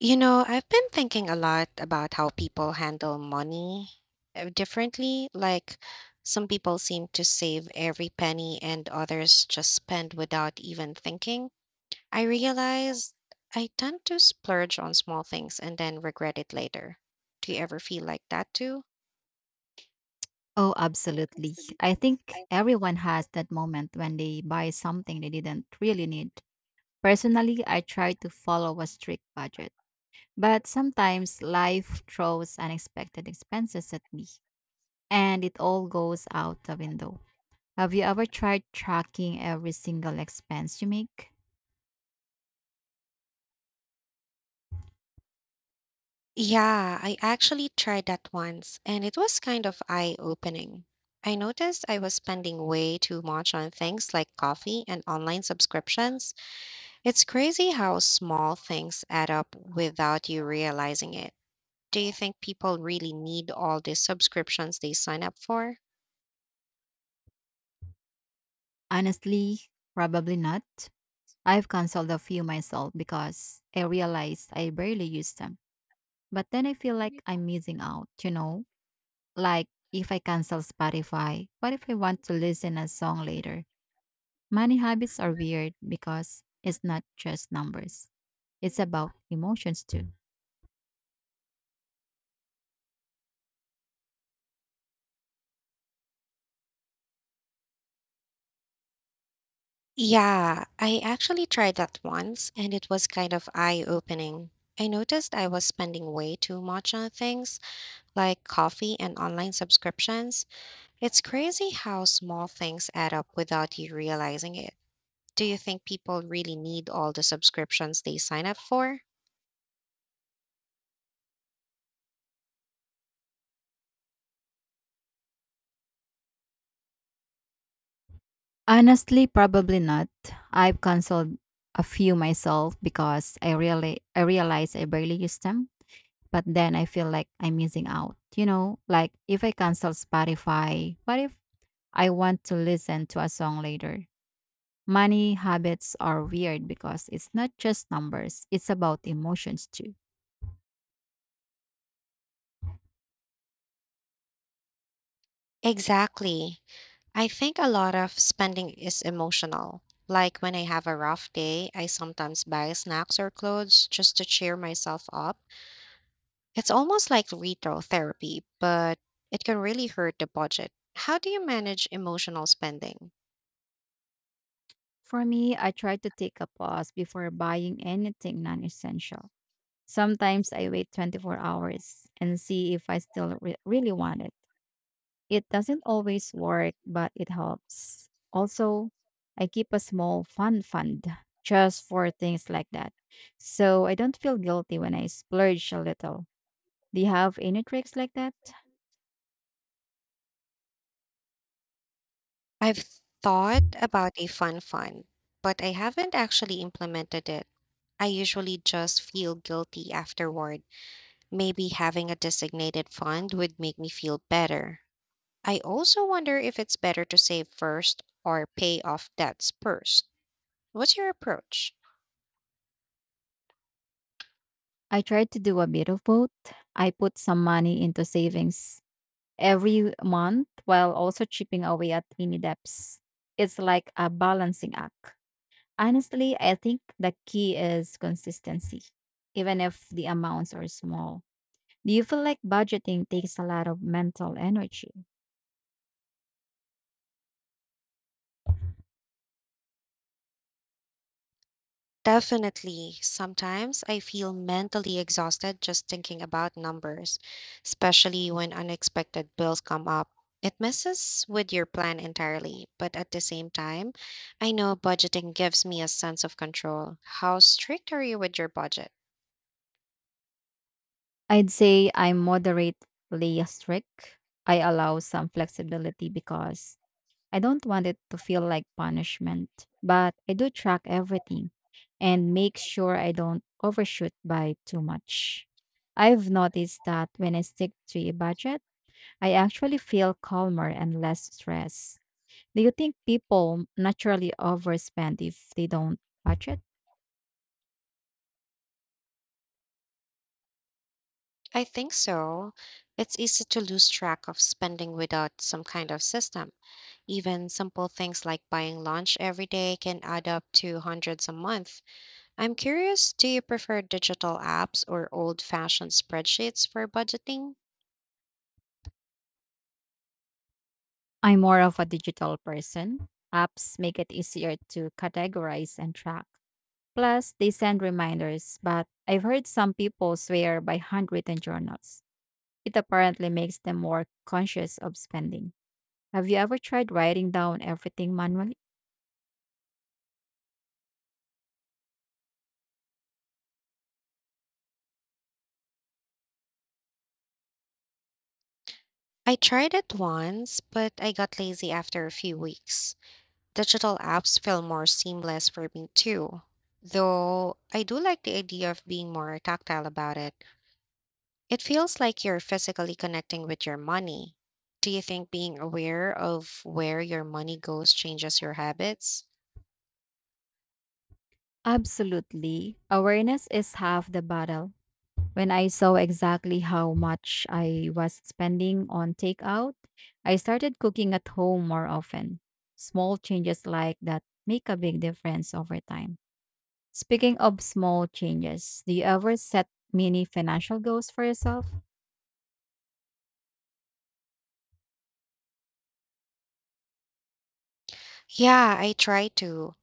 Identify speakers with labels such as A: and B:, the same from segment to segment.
A: You know, I've been thinking a lot about how people handle money differently. Like, some people seem to save every penny, and others just spend without even thinking. I realize I tend to splurge on small things and then regret it later. Do you ever feel like that too?
B: Oh,
A: Oh,
B: absolutely.
A: absolutely.
B: I think
A: I
B: everyone has that moment when they buy something they didn't really need. Personally, I try to follow a strict budget, but sometimes life throws unexpected expenses at me and it all goes out the window. Have you ever tried tracking every single expense you make?
A: Yeah, I actually tried that once and it was kind of eye-opening. I noticed I was spending way too much on things like coffee and online subscriptions. It's crazy how small things add up without you realizing it. Do you think people really need all these subscriptions they sign up for?
B: Honestly, probably not. I've canceled a few myself because I realized I barely use them. But then I feel like I'm missing out, you know? Like if I cancel Spotify, what if I want to listen a song later? Money habits are weird because it's not just numbers. It's about emotions too.
A: Yeah, I actually tried that once and it was kind of eye-opening. I noticed I was spending way too much on things like coffee and online subscriptions. It's crazy how small things add up without you realizing it. Do you think people really need all the subscriptions they sign up for?
B: Honestly, probably not. I've canceled a few myself because I realize I barely use them, but then I feel like I'm missing out. You know, like if I cancel Spotify, what if I want to listen to a song later? Money habits are weird because it's not just numbers, it's about emotions too.
A: Exactly. I think a lot of spending is emotional. Like when I have a rough day, I sometimes buy snacks or clothes just to cheer myself up. It's almost like retail therapy, but it can really hurt the budget. How do you manage emotional spending?
B: For me, I try to take a pause before buying anything non essential. Sometimes I wait 24 hours and see if I still really want it. It doesn't always work, but it helps. Also, I keep a small fun fund just for things like that. So I don't feel guilty when I splurge a little. Do you have any tricks like that?
A: I've thought about a fun fund, but I haven't actually implemented it. I usually just feel guilty afterward. Maybe having a designated fund would make me feel better. I also wonder if it's better to save first or pay off debts first. What's your approach?
B: I tried to do a bit of both. I put some money into savings every month while also chipping away at tiny debts. It's like a balancing act. Honestly, I think the key is consistency, even if the amounts are small. Do you feel like budgeting takes a lot of mental energy?
A: Definitely. Sometimes I feel mentally exhausted just thinking about numbers, especially when unexpected bills come up. It messes with your plan entirely, but at the same time, I know budgeting gives me a sense of control. How strict are you with your budget?
B: I'd say I'm moderately strict. I allow some flexibility because I don't want it to feel like punishment, but I do track everything and make sure I don't overshoot by too much. I've noticed that when I stick to a budget, I actually feel calmer and less stressed. Do you think people naturally overspend if they don't budget?
A: I think so. It's easy to lose track of spending without some kind of system. Even simple things like buying lunch every day can add up to hundreds a month. I'm curious, do you prefer digital apps or old-fashioned spreadsheets for budgeting?
B: I'm more of a digital person. Apps make it easier to categorize and track. Plus, they send reminders, but I've heard some people swear by handwritten journals. It apparently makes them more conscious of spending. Have you ever tried writing down everything manually?
A: I tried it once, but I got lazy after a few weeks. Digital apps feel more seamless for me too, though I do like the idea of being more tactile about it. It feels like you're physically connecting with your money. Do you think being aware of where your money goes changes your habits?
B: Absolutely. Awareness is half the battle. When I saw exactly how much I was spending on takeout, I started cooking at home more often. Small changes like that make a big difference over time. Speaking of small changes, do you ever set mini financial goals for yourself?
A: Yeah, I try to,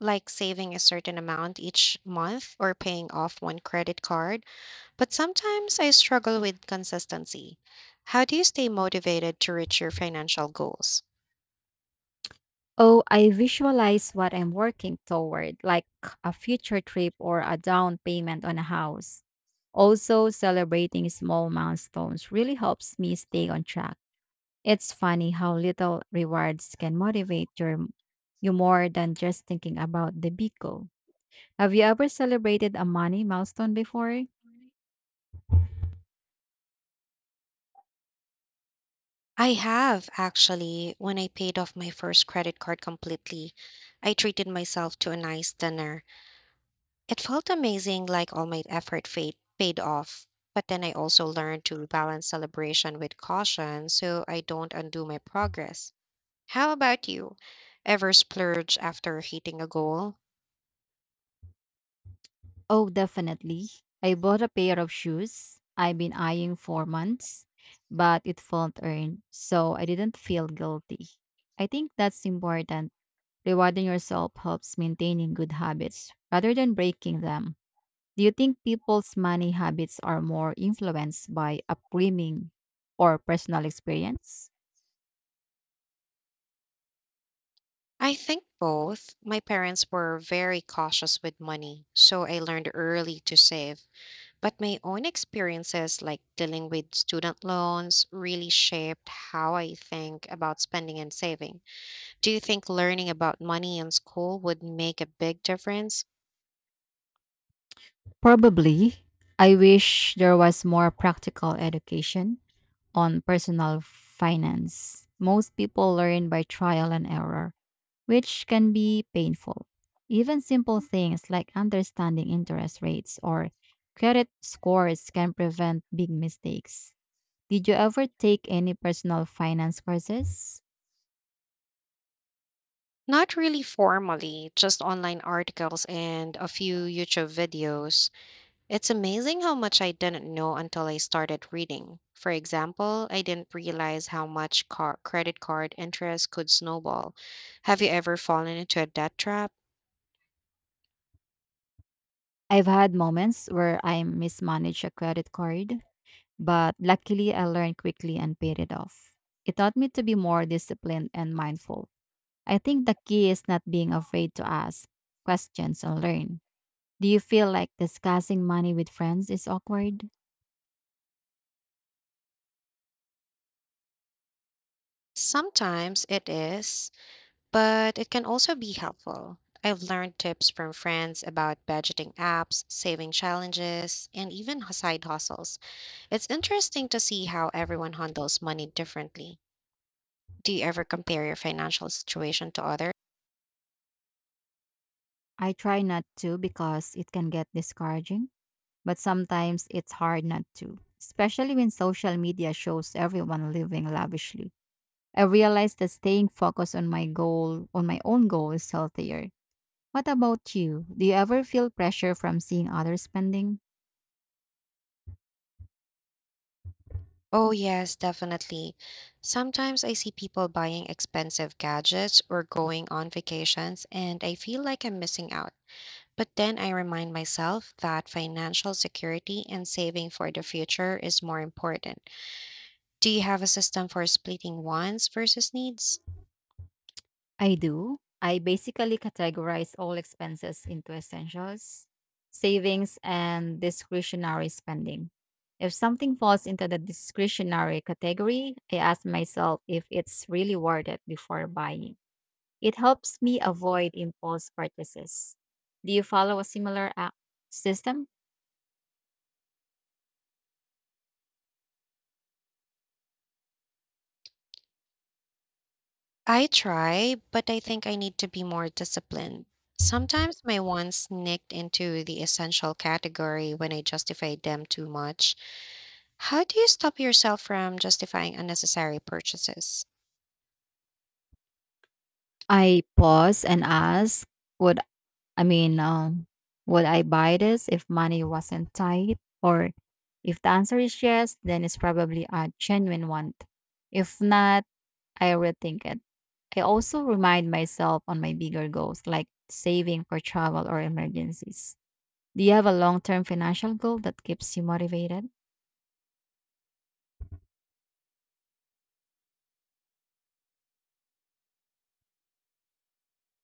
A: like saving a certain amount each month or paying off one credit card, but sometimes I struggle with consistency. How do you stay motivated to reach your financial goals?
B: Oh, I visualize what I'm working toward, like a future trip or a down payment on a house. Also, celebrating small milestones really helps me stay on track. It's funny how little rewards can motivate you more than just thinking about the big goal. Have you ever celebrated a money milestone before?
A: I have actually, when I paid off my first credit card completely, I treated myself to a nice dinner. It felt amazing, like all my effort paid off. But then I also learned to balance celebration with caution so I don't undo my progress. How about you? Ever splurge after hitting a goal?
B: Oh, definitely. I bought a pair of shoes I've been eyeing for months, but it felt earned, so I didn't feel guilty. I think that's important. Rewarding yourself helps maintaining good habits rather than breaking them. Do you think people's money habits are more influenced by upbringing or personal experience?
A: I think both. My parents were very cautious with money, so I learned early to save. But my own experiences, like dealing with student loans, really shaped how I think about spending and saving. Do you think learning about money in school would make a big difference?
B: Probably. I wish there was more practical education on personal finance. Most people learn by trial and error, which can be painful. Even simple things like understanding interest rates or credit scores can prevent big mistakes. Did you ever take any personal finance courses?
A: Not really formally, just online articles and a few YouTube videos. It's amazing how much I didn't know until I started reading. For example, I didn't realize how much credit card interest could snowball. Have you ever fallen into a debt trap?
B: I've had moments where I mismanaged a credit card, but luckily I learned quickly and paid it off. It taught me to be more disciplined and mindful. I think the key is not being afraid to ask questions and learn. Do you feel like discussing money with friends is awkward?
A: Sometimes it is, but it can also be helpful. I've learned tips from friends about budgeting apps, saving challenges, and even side hustles. It's interesting to see how everyone handles money differently. Do you ever compare your financial situation to others?
B: I try not to because it can get discouraging, but sometimes it's hard not to, especially when social media shows everyone living lavishly. I realize that staying focused on my goal, on my own goal, is healthier. What about you? Do you ever feel pressure from seeing others spending?
A: Oh, yes, definitely. Sometimes I see people buying expensive gadgets or going on vacations, and I feel like I'm missing out. But then I remind myself that financial security and saving for the future is more important. Do you have a system for splitting wants versus needs?
B: I do. I basically categorize all expenses into essentials, savings, and discretionary spending. If something falls into the discretionary category, I ask myself if it's really worth it before buying. It helps me avoid impulse purchases. Do you follow a similar app system?
A: I try, but I think I need to be more disciplined. Sometimes my wants sneaked into the essential category when I justified them too much. How do you stop yourself from justifying unnecessary purchases?
B: I pause and ask, would I mean, um, would I buy this if money wasn't tight? Or if the answer is yes, then it's probably a genuine want. If not, I rethink it. I also remind myself on my bigger goals, like saving for travel or emergencies. Do you have a long term financial goal that keeps you motivated?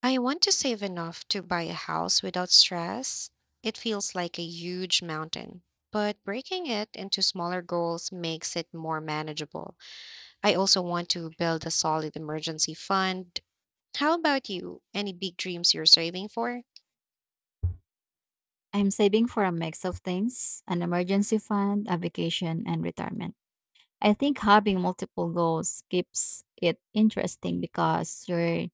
A: I want to save enough to buy a house without stress. It feels like a huge mountain, but breaking it into smaller goals makes it more manageable. I also want to build a solid emergency fund. How about you? Any big dreams you're saving for?
B: I'm saving for a mix of things an emergency fund, a vacation, and retirement. I think having multiple goals keeps it interesting because you're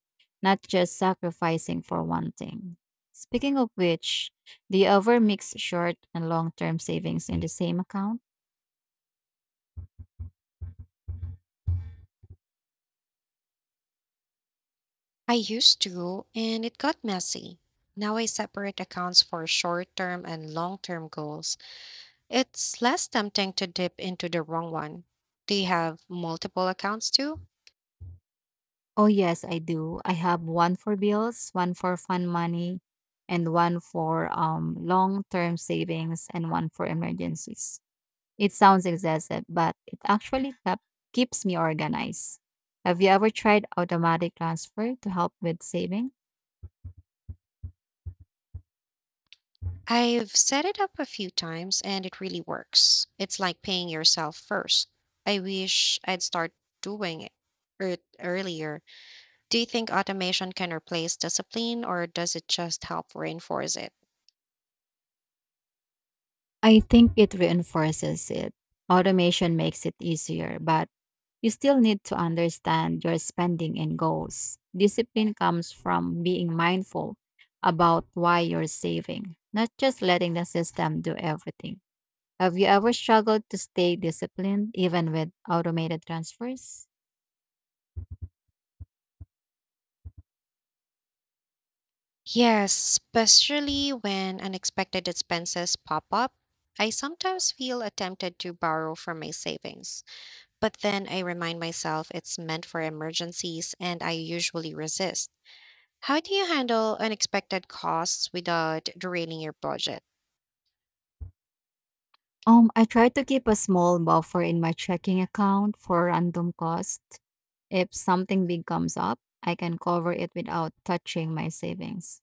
B: not just sacrificing for one thing. Speaking of which, do you ever mix short and long term savings in the same account?
A: I used to, and it got messy. Now I separate accounts for short term and long term goals. It's less tempting to dip into the wrong one. Do you have multiple accounts too?
B: Oh, yes, I do. I have one for bills, one for fun money, and one for long term savings, and one for emergencies. It sounds excessive, but it actually keeps me organized. Have you ever tried automatic transfer to help with saving?
A: I've set it up a few times and it really works. It's like paying yourself first. I wish I'd start doing it earlier. Do you think automation can replace discipline or does it just help reinforce it?
B: I think it reinforces it. Automation makes it easier, but you still need to understand your spending and goals. Discipline comes from being mindful about why you're saving, not just letting the system do everything. Have you ever struggled to stay disciplined even with automated transfers?
A: Yes, especially when unexpected expenses pop up. I sometimes feel tempted to borrow from my savings, but then I remind myself it's meant for emergencies and I usually resist. How do you handle unexpected costs without derailing your budget?
B: I try to keep a small buffer in my checking account for random costs. If something big comes up, I can cover it without touching my savings.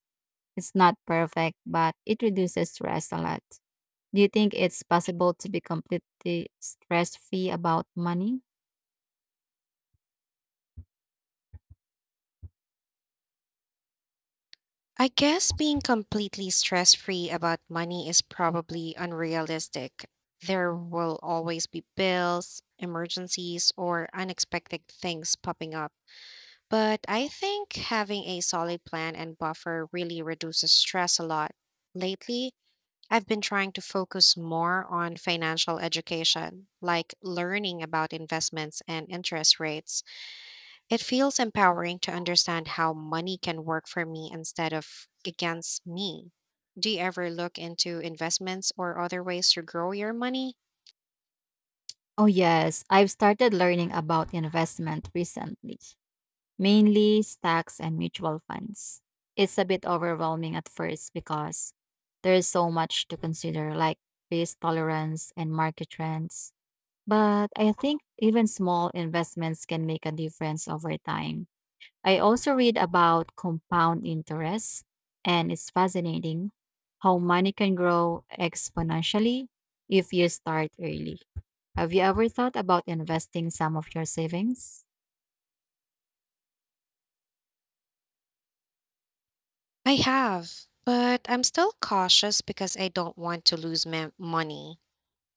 B: It's not perfect, but it reduces stress a lot. Do you think it's possible to be completely stress free about money?
A: I guess being completely stress free about money is probably unrealistic. There will always be bills, emergencies, or unexpected things popping up. But I think having a solid plan and buffer really reduces stress a lot. Lately, I've been trying to focus more on financial education, like learning about investments and interest rates. It feels empowering to understand how money can work for me instead of against me. Do you ever look into investments or other ways to grow your money?
B: Oh, yes. I've started learning about investment recently, mainly stocks and mutual funds. It's a bit overwhelming at first because there is so much to consider, like risk tolerance and market trends. But I think even small investments can make a difference over time. I also read about compound interest, and it's fascinating how money can grow exponentially if you start early. Have you ever thought about investing some of your savings?
A: I have, but I'm still cautious because I don't want to lose my money.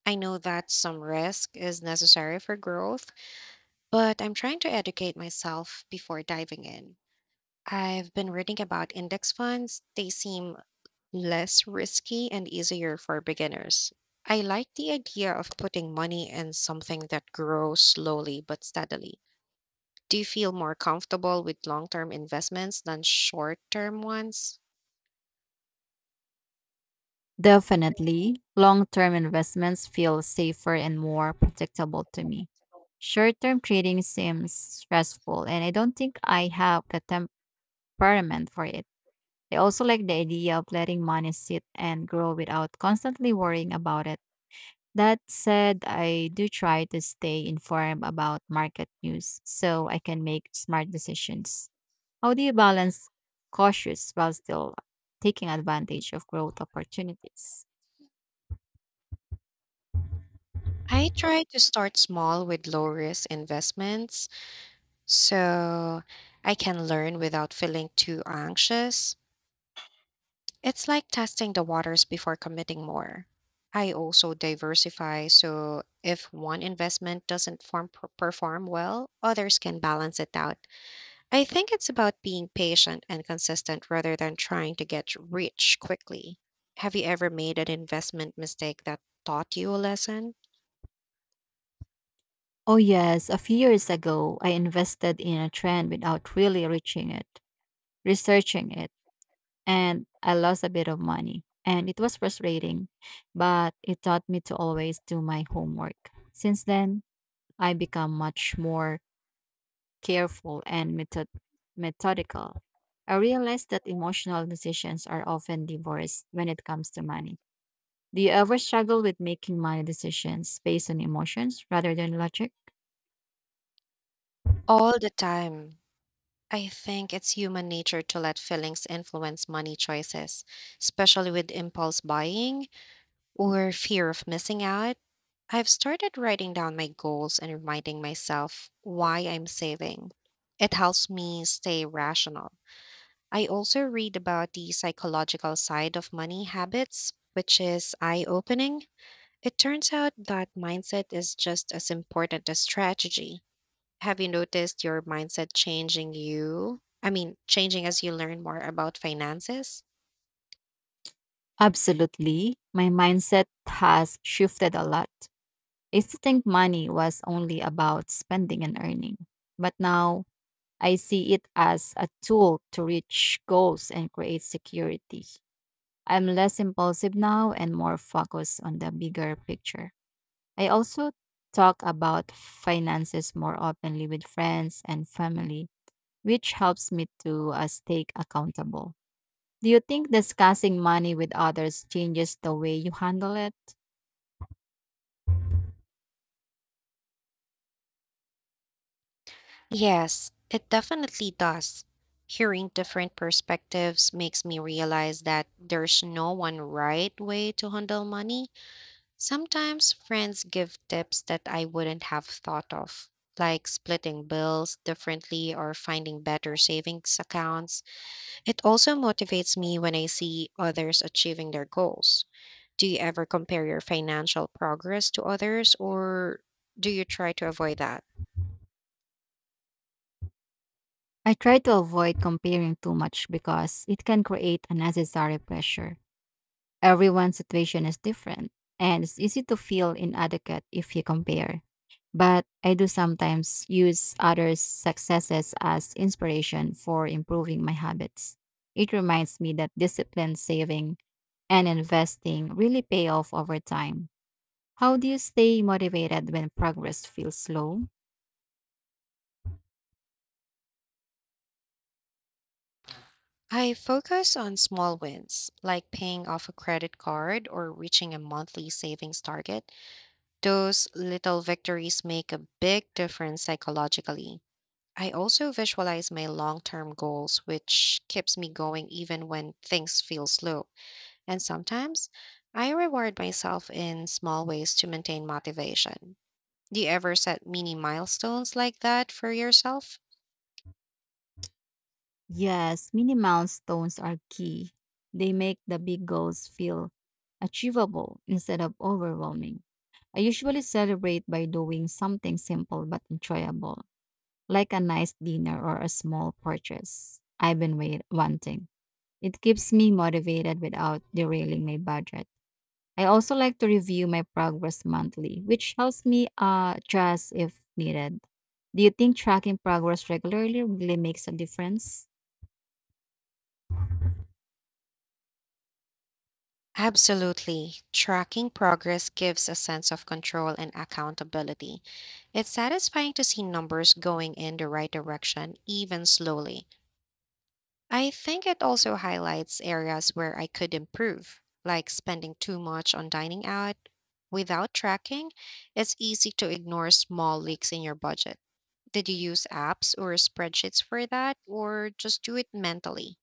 A: I know that some risk is necessary for growth, but I'm trying to educate myself before diving in. I've been reading about index funds. They seem less risky and easier for beginners. I like the idea of putting money in something that grows slowly but steadily. Do you feel more comfortable with long term investments than short term ones?
B: Definitely, long term investments feel safer and more predictable to me. Short term trading seems stressful, and I don't think I have the temperament for it. I also like the idea of letting money sit and grow without constantly worrying about it. That said, I do try to stay informed about market news so I can make smart decisions. How do you balance cautious while still taking advantage of growth opportunities?
A: I try to start small with low risk investments so I can learn without feeling too anxious. It's like testing the waters before committing more. I also diversify so if one investment doesn't perform well, others can balance it out. I think it's about being patient and consistent rather than trying to get rich quickly. Have you ever made an investment mistake that taught you a lesson?
B: Oh, yes. A few years ago, I invested in a trend without really researching it, and I lost a bit of money. And it was frustrating, but it taught me to always do my homework. Since then, I become much more careful and methodical. I realized that emotional decisions are often divorced when it comes to money. Do you ever struggle with making money decisions based on emotions rather than logic?
A: All the time. I think it's human nature to let feelings influence money choices, especially with impulse buying or fear of missing out. I've started writing down my goals and reminding myself why I'm saving. It helps me stay rational. I also read about the psychological side of money habits, which is eye opening. It turns out that mindset is just as important as strategy. Have you noticed your mindset changing you? I mean, changing as you learn more about finances?
B: Absolutely. My mindset has shifted a lot. I used to think money was only about spending and earning, but now I see it as a tool to reach goals and create security. I'm less impulsive now and more focused on the bigger picture. I also talk about finances more openly with friends and family, which helps me to stay accountable. Do you think discussing money with others changes the way you handle it?
A: Yes, it definitely does. Hearing different perspectives makes me realize that there's no one right way to handle money. Sometimes friends give tips that I wouldn't have thought of, like splitting bills differently or finding better savings accounts. It also motivates me when I see others achieving their goals. Do you ever compare your financial progress to others or do you try to avoid that?
B: I try to avoid comparing too much because it can create unnecessary pressure. Everyone's situation is different, and it's easy to feel inadequate if you compare. But I do sometimes use others' successes as inspiration for improving my habits. It reminds me that discipline, saving, and investing really pay off over time. How do you stay motivated when progress feels slow?
A: I focus on small wins, like paying off a credit card or reaching a monthly savings target. Those little victories make a big difference psychologically. I also visualize my long term goals, which keeps me going even when things feel slow. And sometimes I reward myself in small ways to maintain motivation. Do you ever set mini milestones like that for yourself?
B: Yes, mini milestones are key. They make the big goals feel achievable instead of overwhelming. I usually celebrate by doing something simple but enjoyable, like a nice dinner or a small purchase I've been wanting. It keeps me motivated without derailing my budget. I also like to review my progress monthly, which helps me adjust if needed. Do you think tracking progress regularly really makes a difference?
A: Absolutely. Tracking progress gives a sense of control and accountability. It's satisfying to see numbers going in the right direction, even slowly. I think it also highlights areas where I could improve, like spending too much on dining out. Without tracking, it's easy to ignore small leaks in your budget. Did you use apps or spreadsheets for that, or just do it mentally?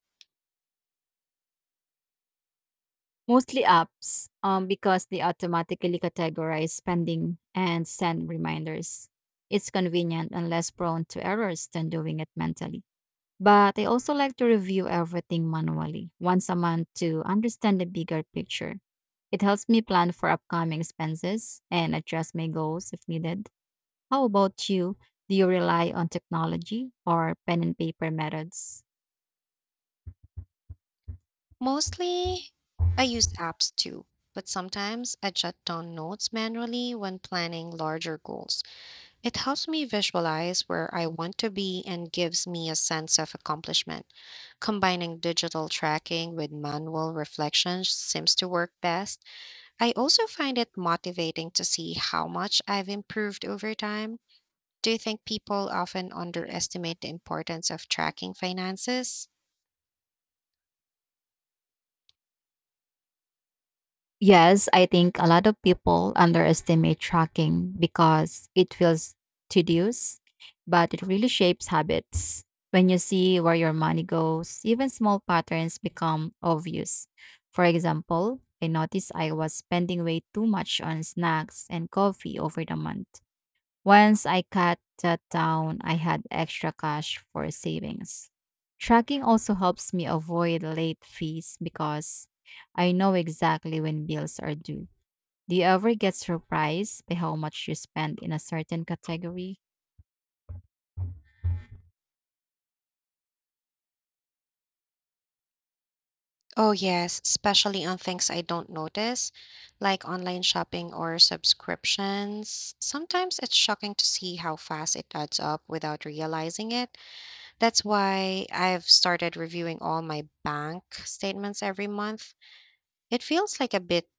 B: Mostly apps, because they automatically categorize spending and send reminders. It's convenient and less prone to errors than doing it mentally. But I also like to review everything manually once a month to understand the bigger picture. It helps me plan for upcoming expenses and adjust my goals if needed. How about you? Do you rely on technology or pen and paper methods?
A: Mostly, I use apps too, but sometimes I jot down notes manually when planning larger goals. It helps me visualize where I want to be and gives me a sense of accomplishment. Combining digital tracking with manual reflection seems to work best. I also find it motivating to see how much I've improved over time. Do you think people often underestimate the importance of tracking finances?
B: Yes, I think a lot of people underestimate tracking because it feels tedious, but it really shapes habits. When you see where your money goes, even small patterns become obvious. For example, I noticed I was spending way too much on snacks and coffee over the month. Once I cut that down, I had extra cash for savings. Tracking also helps me avoid late fees because I know exactly when bills are due. Do you ever get surprised by how much you spend in a certain category?
A: Oh, yes, especially on things I don't notice, like online shopping or subscriptions. Sometimes it's shocking to see how fast it adds up without realizing it. That's why I've started reviewing all my bank statements every month. It feels like a bit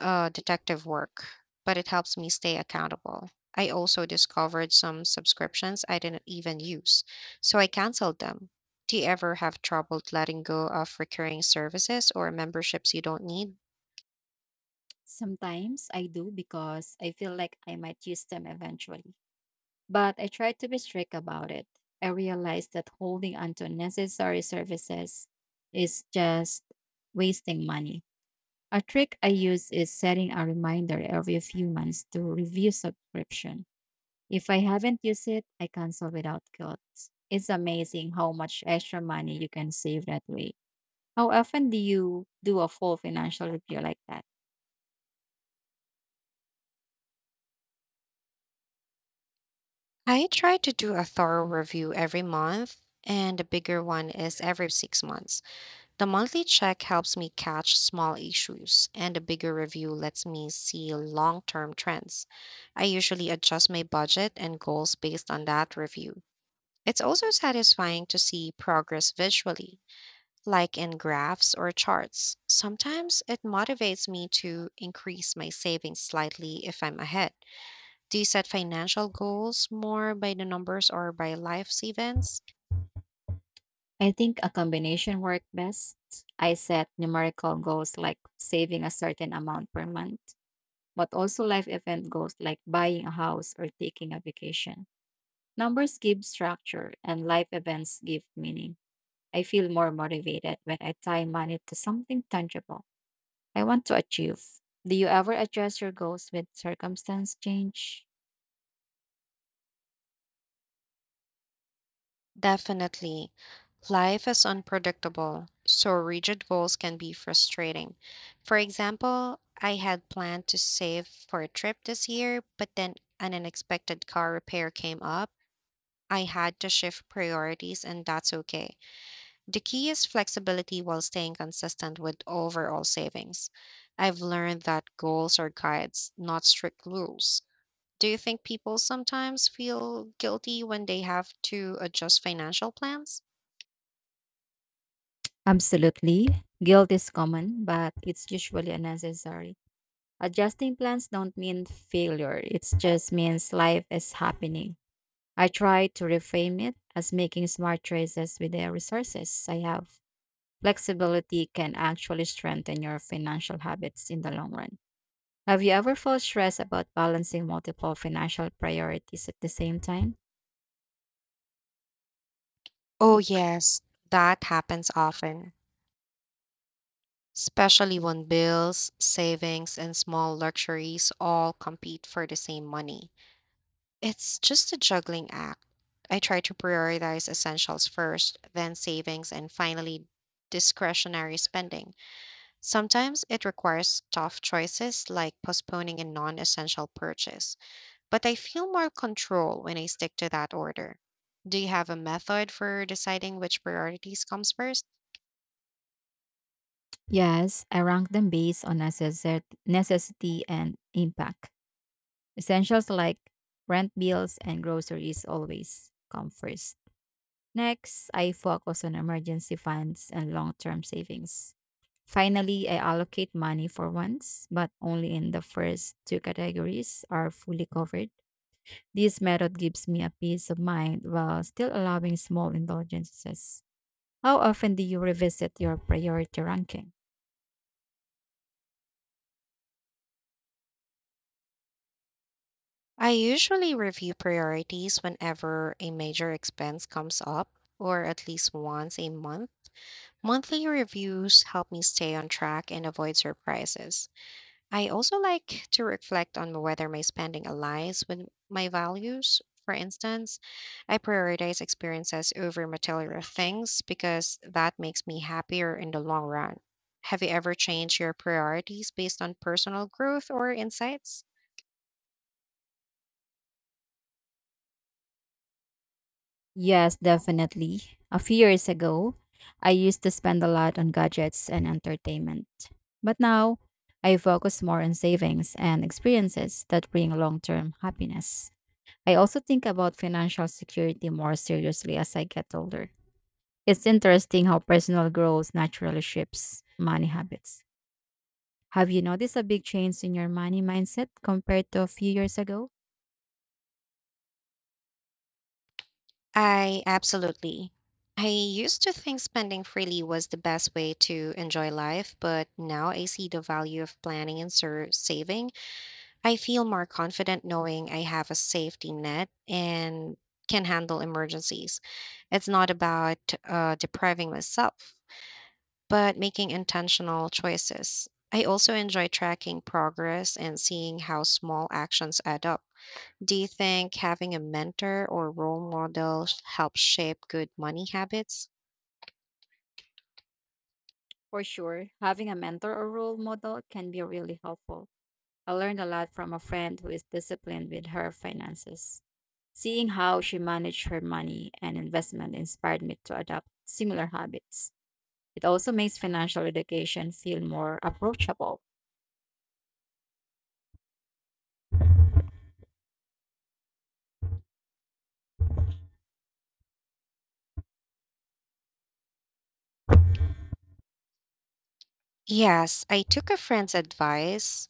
A: detective work, but it helps me stay accountable. I also discovered some subscriptions I didn't even use, so I canceled them. Do you ever have trouble letting go of recurring services or memberships you don't need?
B: Sometimes I do because I feel like I might use them eventually. But I try to be strict about it. I realize that holding onto unnecessary services is just wasting money. A trick I use is setting a reminder every few months to review subscription. If I haven't used it, I cancel without guilt. It's amazing how much extra money you can save that way. How often do you do a full financial review like that?
A: I try to do a thorough review every month, and a bigger one is every 6 months. The monthly check helps me catch small issues, and the bigger review lets me see long term trends. I usually adjust my budget and goals based on that review. It's also satisfying to see progress visually, like in graphs or charts. Sometimes it motivates me to increase my savings slightly if I'm ahead. Do you set financial goals more by the numbers or by life's events?
B: I think a combination works best. I set numerical goals like saving a certain amount per month, but also life event goals like buying a house or taking a vacation. Numbers give structure and life events give meaning. I feel more motivated when I tie money to something tangible I want to achieve. Do you ever adjust your goals with circumstance change?
A: Definitely. Life is unpredictable, so rigid goals can be frustrating. For example, I had planned to save for a trip this year, but then an unexpected car repair came up. I had to shift priorities, and that's okay. The key is flexibility while staying consistent with overall savings. I've learned that goals are guides, not strict rules. Do you think people sometimes feel guilty when they have to adjust financial plans?
B: Absolutely. Guilt is common, but it's usually unnecessary. Adjusting plans don't mean failure, it just means life is happening. I try to reframe it as making smart choices with the resources I have. Flexibility can actually strengthen your financial habits in the long run. Have you ever felt stressed about balancing multiple financial priorities at the same time?
A: Oh, yes, that happens often, especially when bills, savings, and small luxuries all compete for the same money. It's just a juggling act. I try to prioritize essentials first, then savings, and finally discretionary spending. Sometimes it requires tough choices like postponing a non essential purchase, but I feel more control when I stick to that order. Do you have a method for deciding which priorities comes first?
B: Yes, I rank them based on necessity and impact. Essentials like rent bills and groceries always come first. Next, I focus on emergency funds and long term savings. Finally, I allocate money for once, but only in the first two categories are fully covered. This method gives me a peace of mind while still allowing small indulgences. How often do you revisit your priority ranking?
A: I usually review priorities whenever a major expense comes up, or at least once a month. Monthly reviews help me stay on track and avoid surprises. I also like to reflect on whether my spending aligns with my values. For instance, I prioritize experiences over material things because that makes me happier in the long run. Have you ever changed your priorities based on personal growth or insights?
B: Yes, definitely. A few years ago, I used to spend a lot on gadgets and entertainment. But now, I focus more on savings and experiences that bring long term happiness. I also think about financial security more seriously as I get older. It's interesting how personal growth naturally shapes money habits. Have you noticed a big change in your money mindset compared to a few years ago?
A: I absolutely. I used to think spending freely was the best way to enjoy life, but now I see the value of planning and saving. I feel more confident knowing I have a safety net and can handle emergencies. It's not about depriving myself, but making intentional choices. I also enjoy tracking progress and seeing how small actions add up. Do you think having a mentor or role model helps shape good money habits?
B: For sure, having a mentor or role model can be really helpful. I learned a lot from a friend who is disciplined with her finances. Seeing how she managed her money and investment inspired me to adopt similar habits. It also makes financial education feel more approachable.
A: Yes, I took a friend's advice